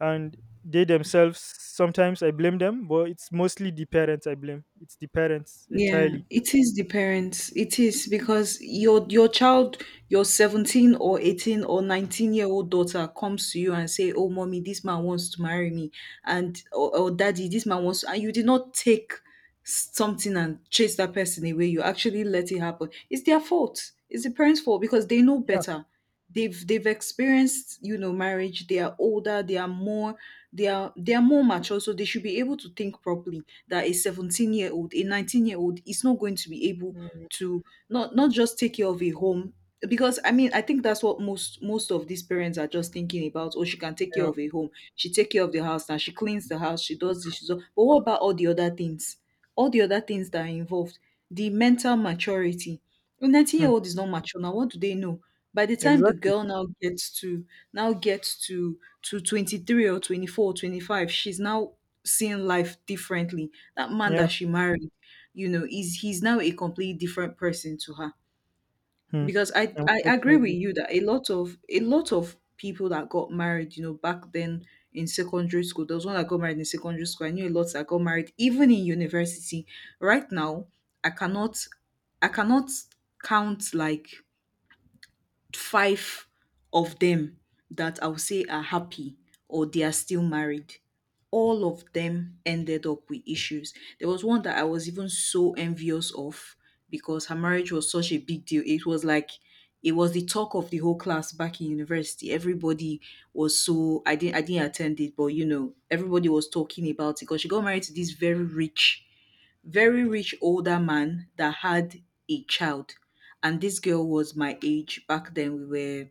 And they themselves, sometimes I blame them, but it's mostly the parents I blame. It's the parents
Yeah.
entirely.
It is the parents. It is because your child, your 17 or 18 or 19-year-old daughter comes to you and say, "Oh, mommy, this man wants to marry me." And or daddy, this man wants and you did not take something and chase that person away. You actually let it happen. It's their fault. It's the parents' fault because they know
Yeah.
better. They've experienced, you know, marriage. They are older. They are more they are more mature. So they should be able to think properly that a 17-year-old, a 19-year-old is not going to be able
Mm,
to not just take care of a home because I mean I think that's what most of these parents are just thinking about. Oh, she can take care
yeah.
of a home. She take care of the house now. She cleans the house. She does this. She does. But what about all the other things? All the other things that are involved, the mental maturity. A 19
Hmm.
year old is not mature now. What do they know? By the time the
Exactly.
girl now gets to 23 or 24 or 25, she's now seeing life differently. That man
Yeah.
that she married, you know, is he's now a completely different person to her
Hmm.
because I agree with
Unfortunately.
you that a lot of people that got married, you know, back then in secondary school, there was one that got married in secondary school. I knew a lot that got married even in university. Right now, I cannot I cannot count like five of them that I'll say are happy or they are still married. All of them ended up with issues. There was one that I was even so envious of because her marriage was such a big deal. It was like it was the talk of the whole class back in university. Everybody was so I didn't attend it, but you know, everybody was talking about it because she got married to this very rich older man that had a child and this girl was my age back then we were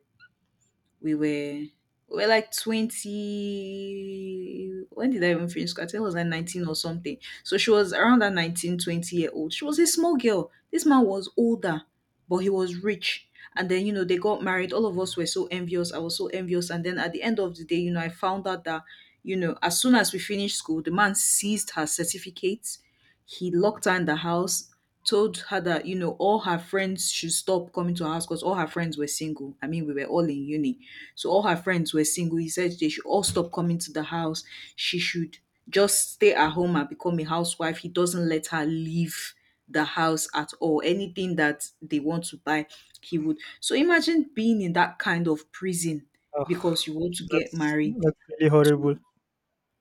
we were we were like 20. When did I even finish school? I think I was like 19 or something. So she was around that 19, 20 year old. She was a small girl. This man was older, but he was rich. And then, you know, they got married. All of us were so envious. I was so envious. And then at the end of the day, you know, I found out that, you know, as soon as we finished school, the man seized her certificates. He locked her in the house, told her that, you know, all her friends should stop coming to her house because all her friends were single. I mean, we were all in uni, so all her friends were single. He said they should all stop coming to the house. She should just stay at home and become a housewife. He doesn't let her leave the house at all. Anything that they want to buy, he would. So imagine being in that kind of prison
Ah,
because you want to get
that's
married
that's really
to
horrible.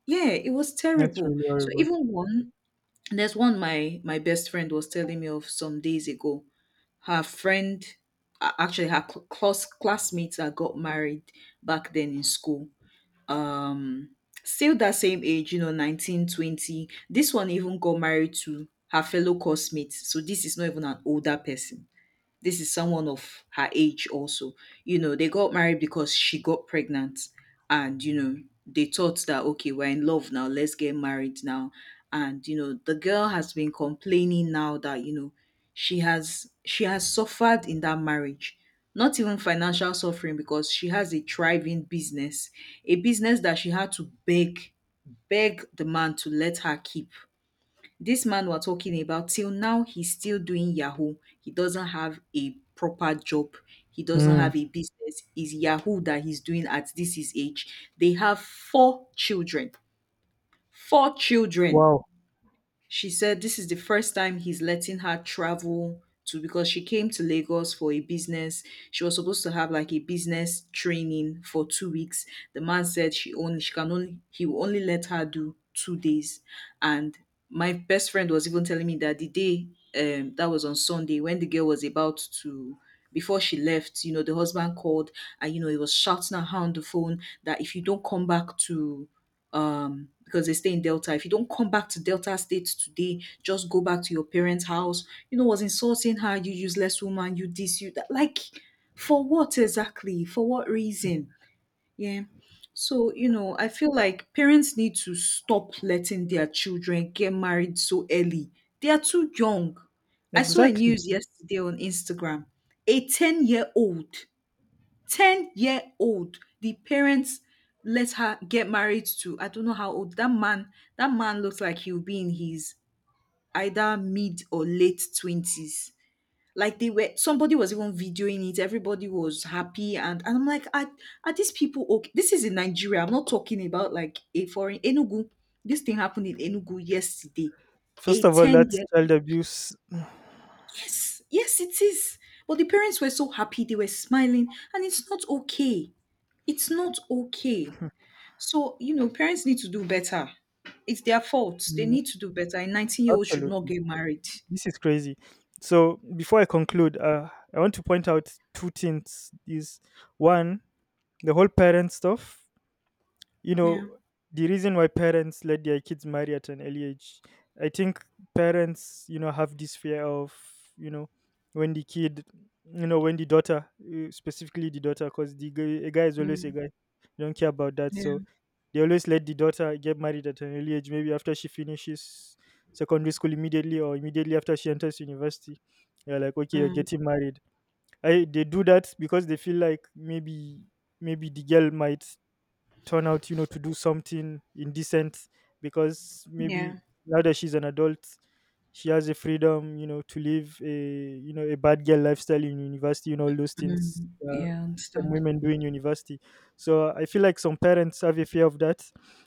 yeah, it was
That's
terrible.
really
So
horrible.
even one there's one my best friend was telling me of some days ago. Her friend, close classmates that got married back then in school, um still that same age, you know, 19, 20. This one even got married to her fellow coursemate, so this is not even an older person, this is someone of her age also. You know, they got married because she got pregnant and, you know, they thought that, okay, we're in love now, let's get married now. And, you know, the girl has been complaining now that, you know, she has suffered in that marriage, not even financial suffering because she has a thriving business, a business that she had to beg the man to let her keep. This man we're talking about, till now, he's still doing Yahoo. He doesn't have a proper job. He doesn't
Hmm.
have a business. Is Yahoo that he's doing at this his age. They have 4 children. 4 children.
Wow.
She said this is the first time he's letting her travel to because she came to Lagos for a business. She was supposed to have like a business training for 2 weeks. The man said she can only he will only let her do 2 days. And my best friend was even telling me that the day, that was on Sunday, when the girl was about to before she left, you know, the husband called and you know he was shouting at her on the phone that if you don't come back to, because they stay in Delta, if you don't come back to Delta State today, just go back to your parents house. You know, was insulting her, you useless woman, you this you that, like, for what exactly, for what reason. Yeah. So, you know, I feel like parents need to stop letting their children get married so early. They are too young. I saw a
Exactly.
news yesterday on Instagram, a 10-year old, 10-year old, the parents let her get married to, I don't know how old that man, that man looks like he'll be in his either mid or late 20s. Like, they were, somebody was even videoing it, everybody was happy, and I'm like, are these people okay? This is in Nigeria, I'm not talking about like a foreign, Enugu. This thing happened in Enugu yesterday.
First
A
of all,
10
that's
year,
child abuse.
yes, yes it is, but the parents were so happy, they were smiling, and it's not okay. It's not okay. So, you know, parents need to do better. It's their fault. They
Mm,
need to do better. A 19-year-old should not
absolutely.
get married.
This is crazy. So before I conclude, I want to point out two things. Is one the whole parent stuff? You
Yeah.
know, the reason why parents let their kids marry at an early age. I think parents, have this fear of, you know, when the kid, when the daughter, specifically the daughter, because the guy, a guy is always a
Mm,
guy. They don't care about that.
yeah.
So they always let the daughter get married at an early age, maybe after she finishes secondary school immediately, or immediately after she enters university. They're like, okay, you're
Mm,
getting married. They do that because they feel like maybe the girl might turn out, to do something indecent, because
yeah.
maybe now that she's an adult, she has a freedom, to live a you know a bad girl lifestyle in university and all those things, uh,
Yeah, I
some
understand.
women do in university. So I feel like some parents have a fear of that.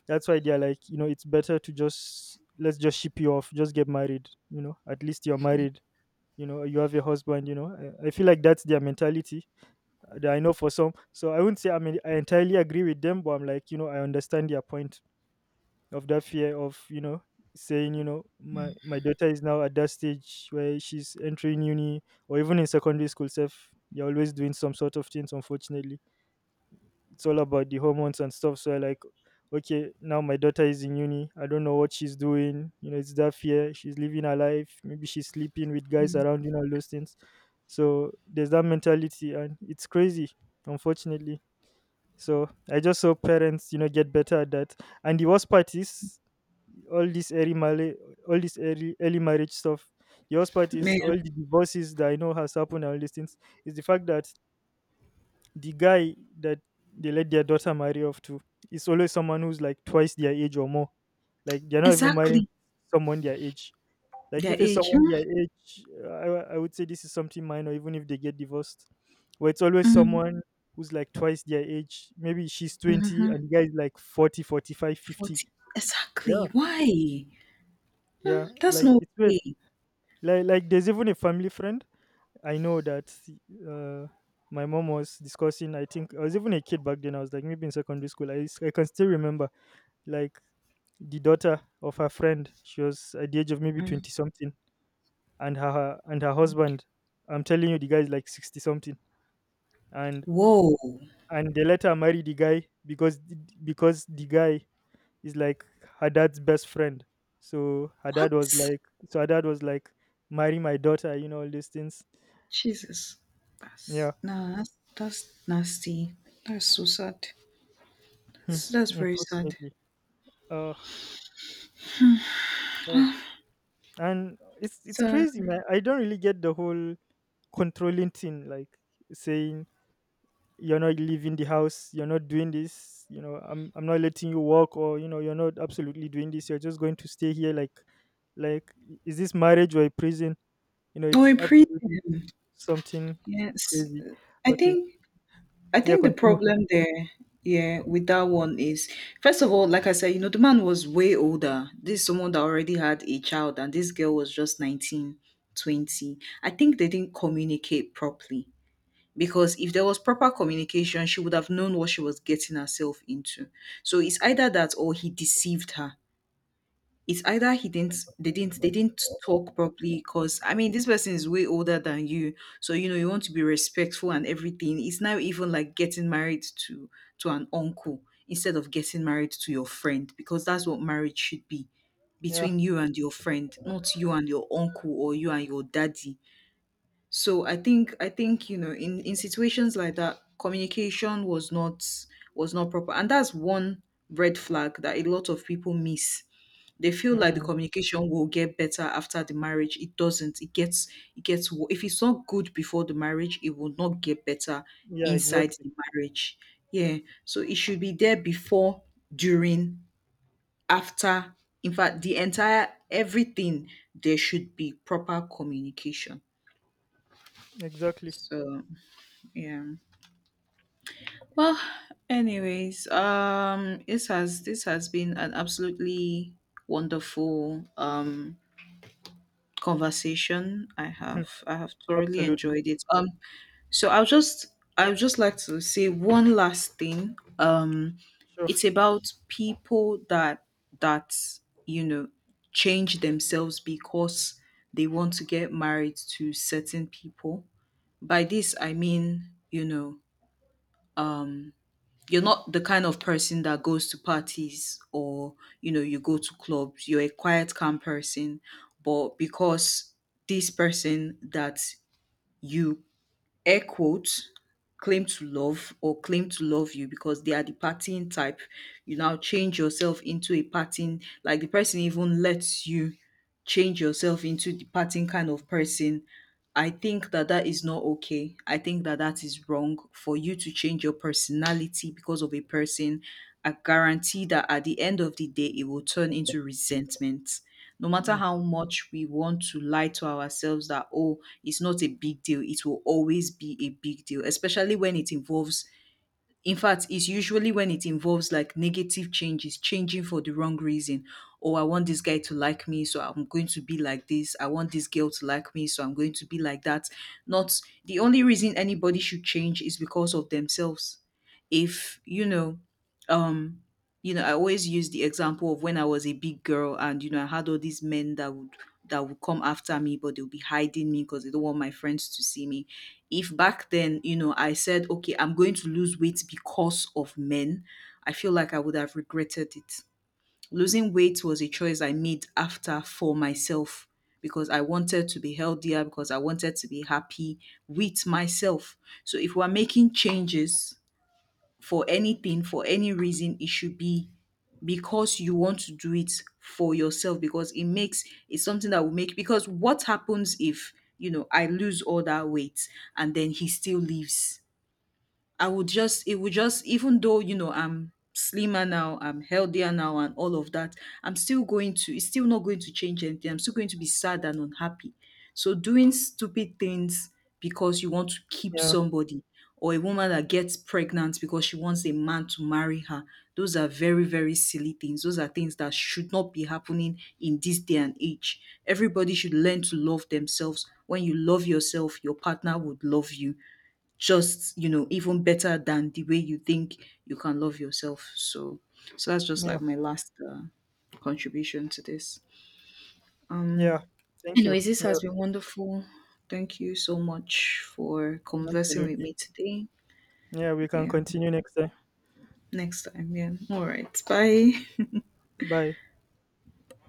That's why they're like, it's better to just, let's just ship you off, just get married. At least you're married. You have a husband. I feel like that's their mentality, that I know for some. So I wouldn't say I mean I entirely agree with them, but I'm like, I understand their point of that fear of, saying, my daughter is now at that stage where she's entering uni, or even in secondary school self, they're always doing some sort of things, unfortunately. It's all about the hormones and stuff. So I like, okay, now my daughter is in uni. I don't know what she's doing. It's that fear. She's living her life. Maybe she's sleeping with guys around, all those things. So there's that mentality and it's crazy, unfortunately. So I just hope parents, get better at that. And the worst part is all this early marriage, all this early marriage stuff. The worst part
Yeah.
is all the divorces that I know has happened and all these things is the fact that the guy that they let their daughter marry off to is always someone who's like twice their age or more. Like, they're not even marrying
Exactly.
someone their age. Like,
Their
if it's
age. Mm,
someone their age, I would say this is something minor, even if they get divorced. But it's always
mm,
someone who's like twice their age. Maybe she's 20
mhm,
and the guy is like 40, 45, 50.
40. Exactly.
Yeah,
Why?
yeah.
That's
Like,
not
it's weird.
okay.
Like, there's even a family friend I know that, uh, my mom was discussing. I think I was even a kid back then. I was, like, maybe in secondary school. I can still remember, like, the daughter of her friend. She was at the age of maybe
Mm.
20 something, and her husband. I'm telling you, the guy is like 60 something, and
Whoa.
and they let her marry the guy because the guy is like her dad's best friend. So her dad was
What?
like, so her dad was like, marry my daughter, you know all these things.
Jesus.
Yeah.
That's nah, that's nasty. That's so sad.
Hmm,
That's very sad.
unfortunately. Uh, uh, and it's
So,
crazy, man. I don't really get the whole controlling thing, like saying, you're not leaving the house, you're not doing this, I'm not letting you walk, or you're not absolutely doing this, you're just going to stay here, like, like is this marriage or a prison?
oh,
It's
in prison.
absolutely something
Yes,
crazy.
I
Okay.
think I
Yeah,
think the
continue.
problem there, yeah, with that one is first of all, like I said, you know, the man was way older. This is someone that already had a child, and this girl was just 19, 20. I think they didn't communicate properly because if there was proper communication, she would have known what she was getting herself into. So it's either that or he deceived her. It's either he didn't they didn't they didn't talk properly because I mean this person is way older than you, so you know you want to be respectful and everything. It's now even like getting married to an uncle instead of getting married to your friend, because that's what marriage should be,
Yeah.
between you and your friend, not you and your uncle or you and your daddy. So I think you know in situations like that communication was not proper, and that's one red flag that a lot of people miss. They feel like the
Mm.
communication will get better after the marriage. It doesn't. It gets if it's not good before the marriage, it will not get better
Yeah.
inside
Exactly,
the marriage. Yeah. So it should be there before, during, after. In fact, the entire everything there should be proper communication.
exactly.
So yeah. Well, anyways, this has been an absolutely wonderful conversation. I
Hmm.
have I have thoroughly
Absolutely.
enjoyed it. So I'll just I would just like to say one last thing.
Sure.
It's about people that that you know change themselves because they want to get married to certain people. By this I mean, you know, you're not the kind of person that goes to parties or, you know, you go to clubs. You're a quiet, calm person, but because this person that you air quotes claim to love or claim to love you because they are the partying type. You now change yourself into a partying, like the person even lets you change yourself into the partying kind of person. I think that that is not okay. I think that that is wrong for you to change your personality because of a person. I guarantee that at the end of the day, it will turn into resentment. No matter
Mm.
how much we want to lie to ourselves that, oh, it's not a big deal, it will always be a big deal, especially when it involves in fact, it's usually when it involves like negative changes, changing for the wrong reason. Oh, I want this guy to like me, so I'm going to be like this. I want this girl to like me, so I'm going to be like that. Not the only reason anybody should change is because of themselves. If, um, you know, I always use the example of when I was a big girl and, you know, I had all these men that would come after me, but they'll be hiding me because they don't want my friends to see me. If back then, you know, I said, okay, I'm going to lose weight because of men, I feel like I would have regretted it. Losing weight was a choice I made after for myself because I wanted to be healthier, because I wanted to be happy with myself. So if we're making changes, for anything, for any reason, it should be because you want to do it for yourself, because it makes it's something that will make, because what happens if, you know, I lose all that weight and then he still leaves? I would just, it would just, even though, you know, I'm slimmer now, I'm healthier now, and all of that, I'm still going to, it's still not going to change anything. I'm still going to be sad and unhappy. So, doing stupid things because you want to keep
Yeah,
somebody, or a woman that gets pregnant because she wants a man to marry her, those are very, very silly things. Those are things that should not be happening in this day and age. Everybody should learn to love themselves. When you love yourself, your partner would love you just, you know, even better than the way you think you can love yourself. So, so that's just
yeah,
like my last contribution to this.
yeah. Thank you.
Anyways, this
Yeah,
has been wonderful. Thank you so much for conversing with
absolutely.
me today.
Yeah, we can
Yeah,
continue next time.
next time. Yeah. All right. Bye.
Bye.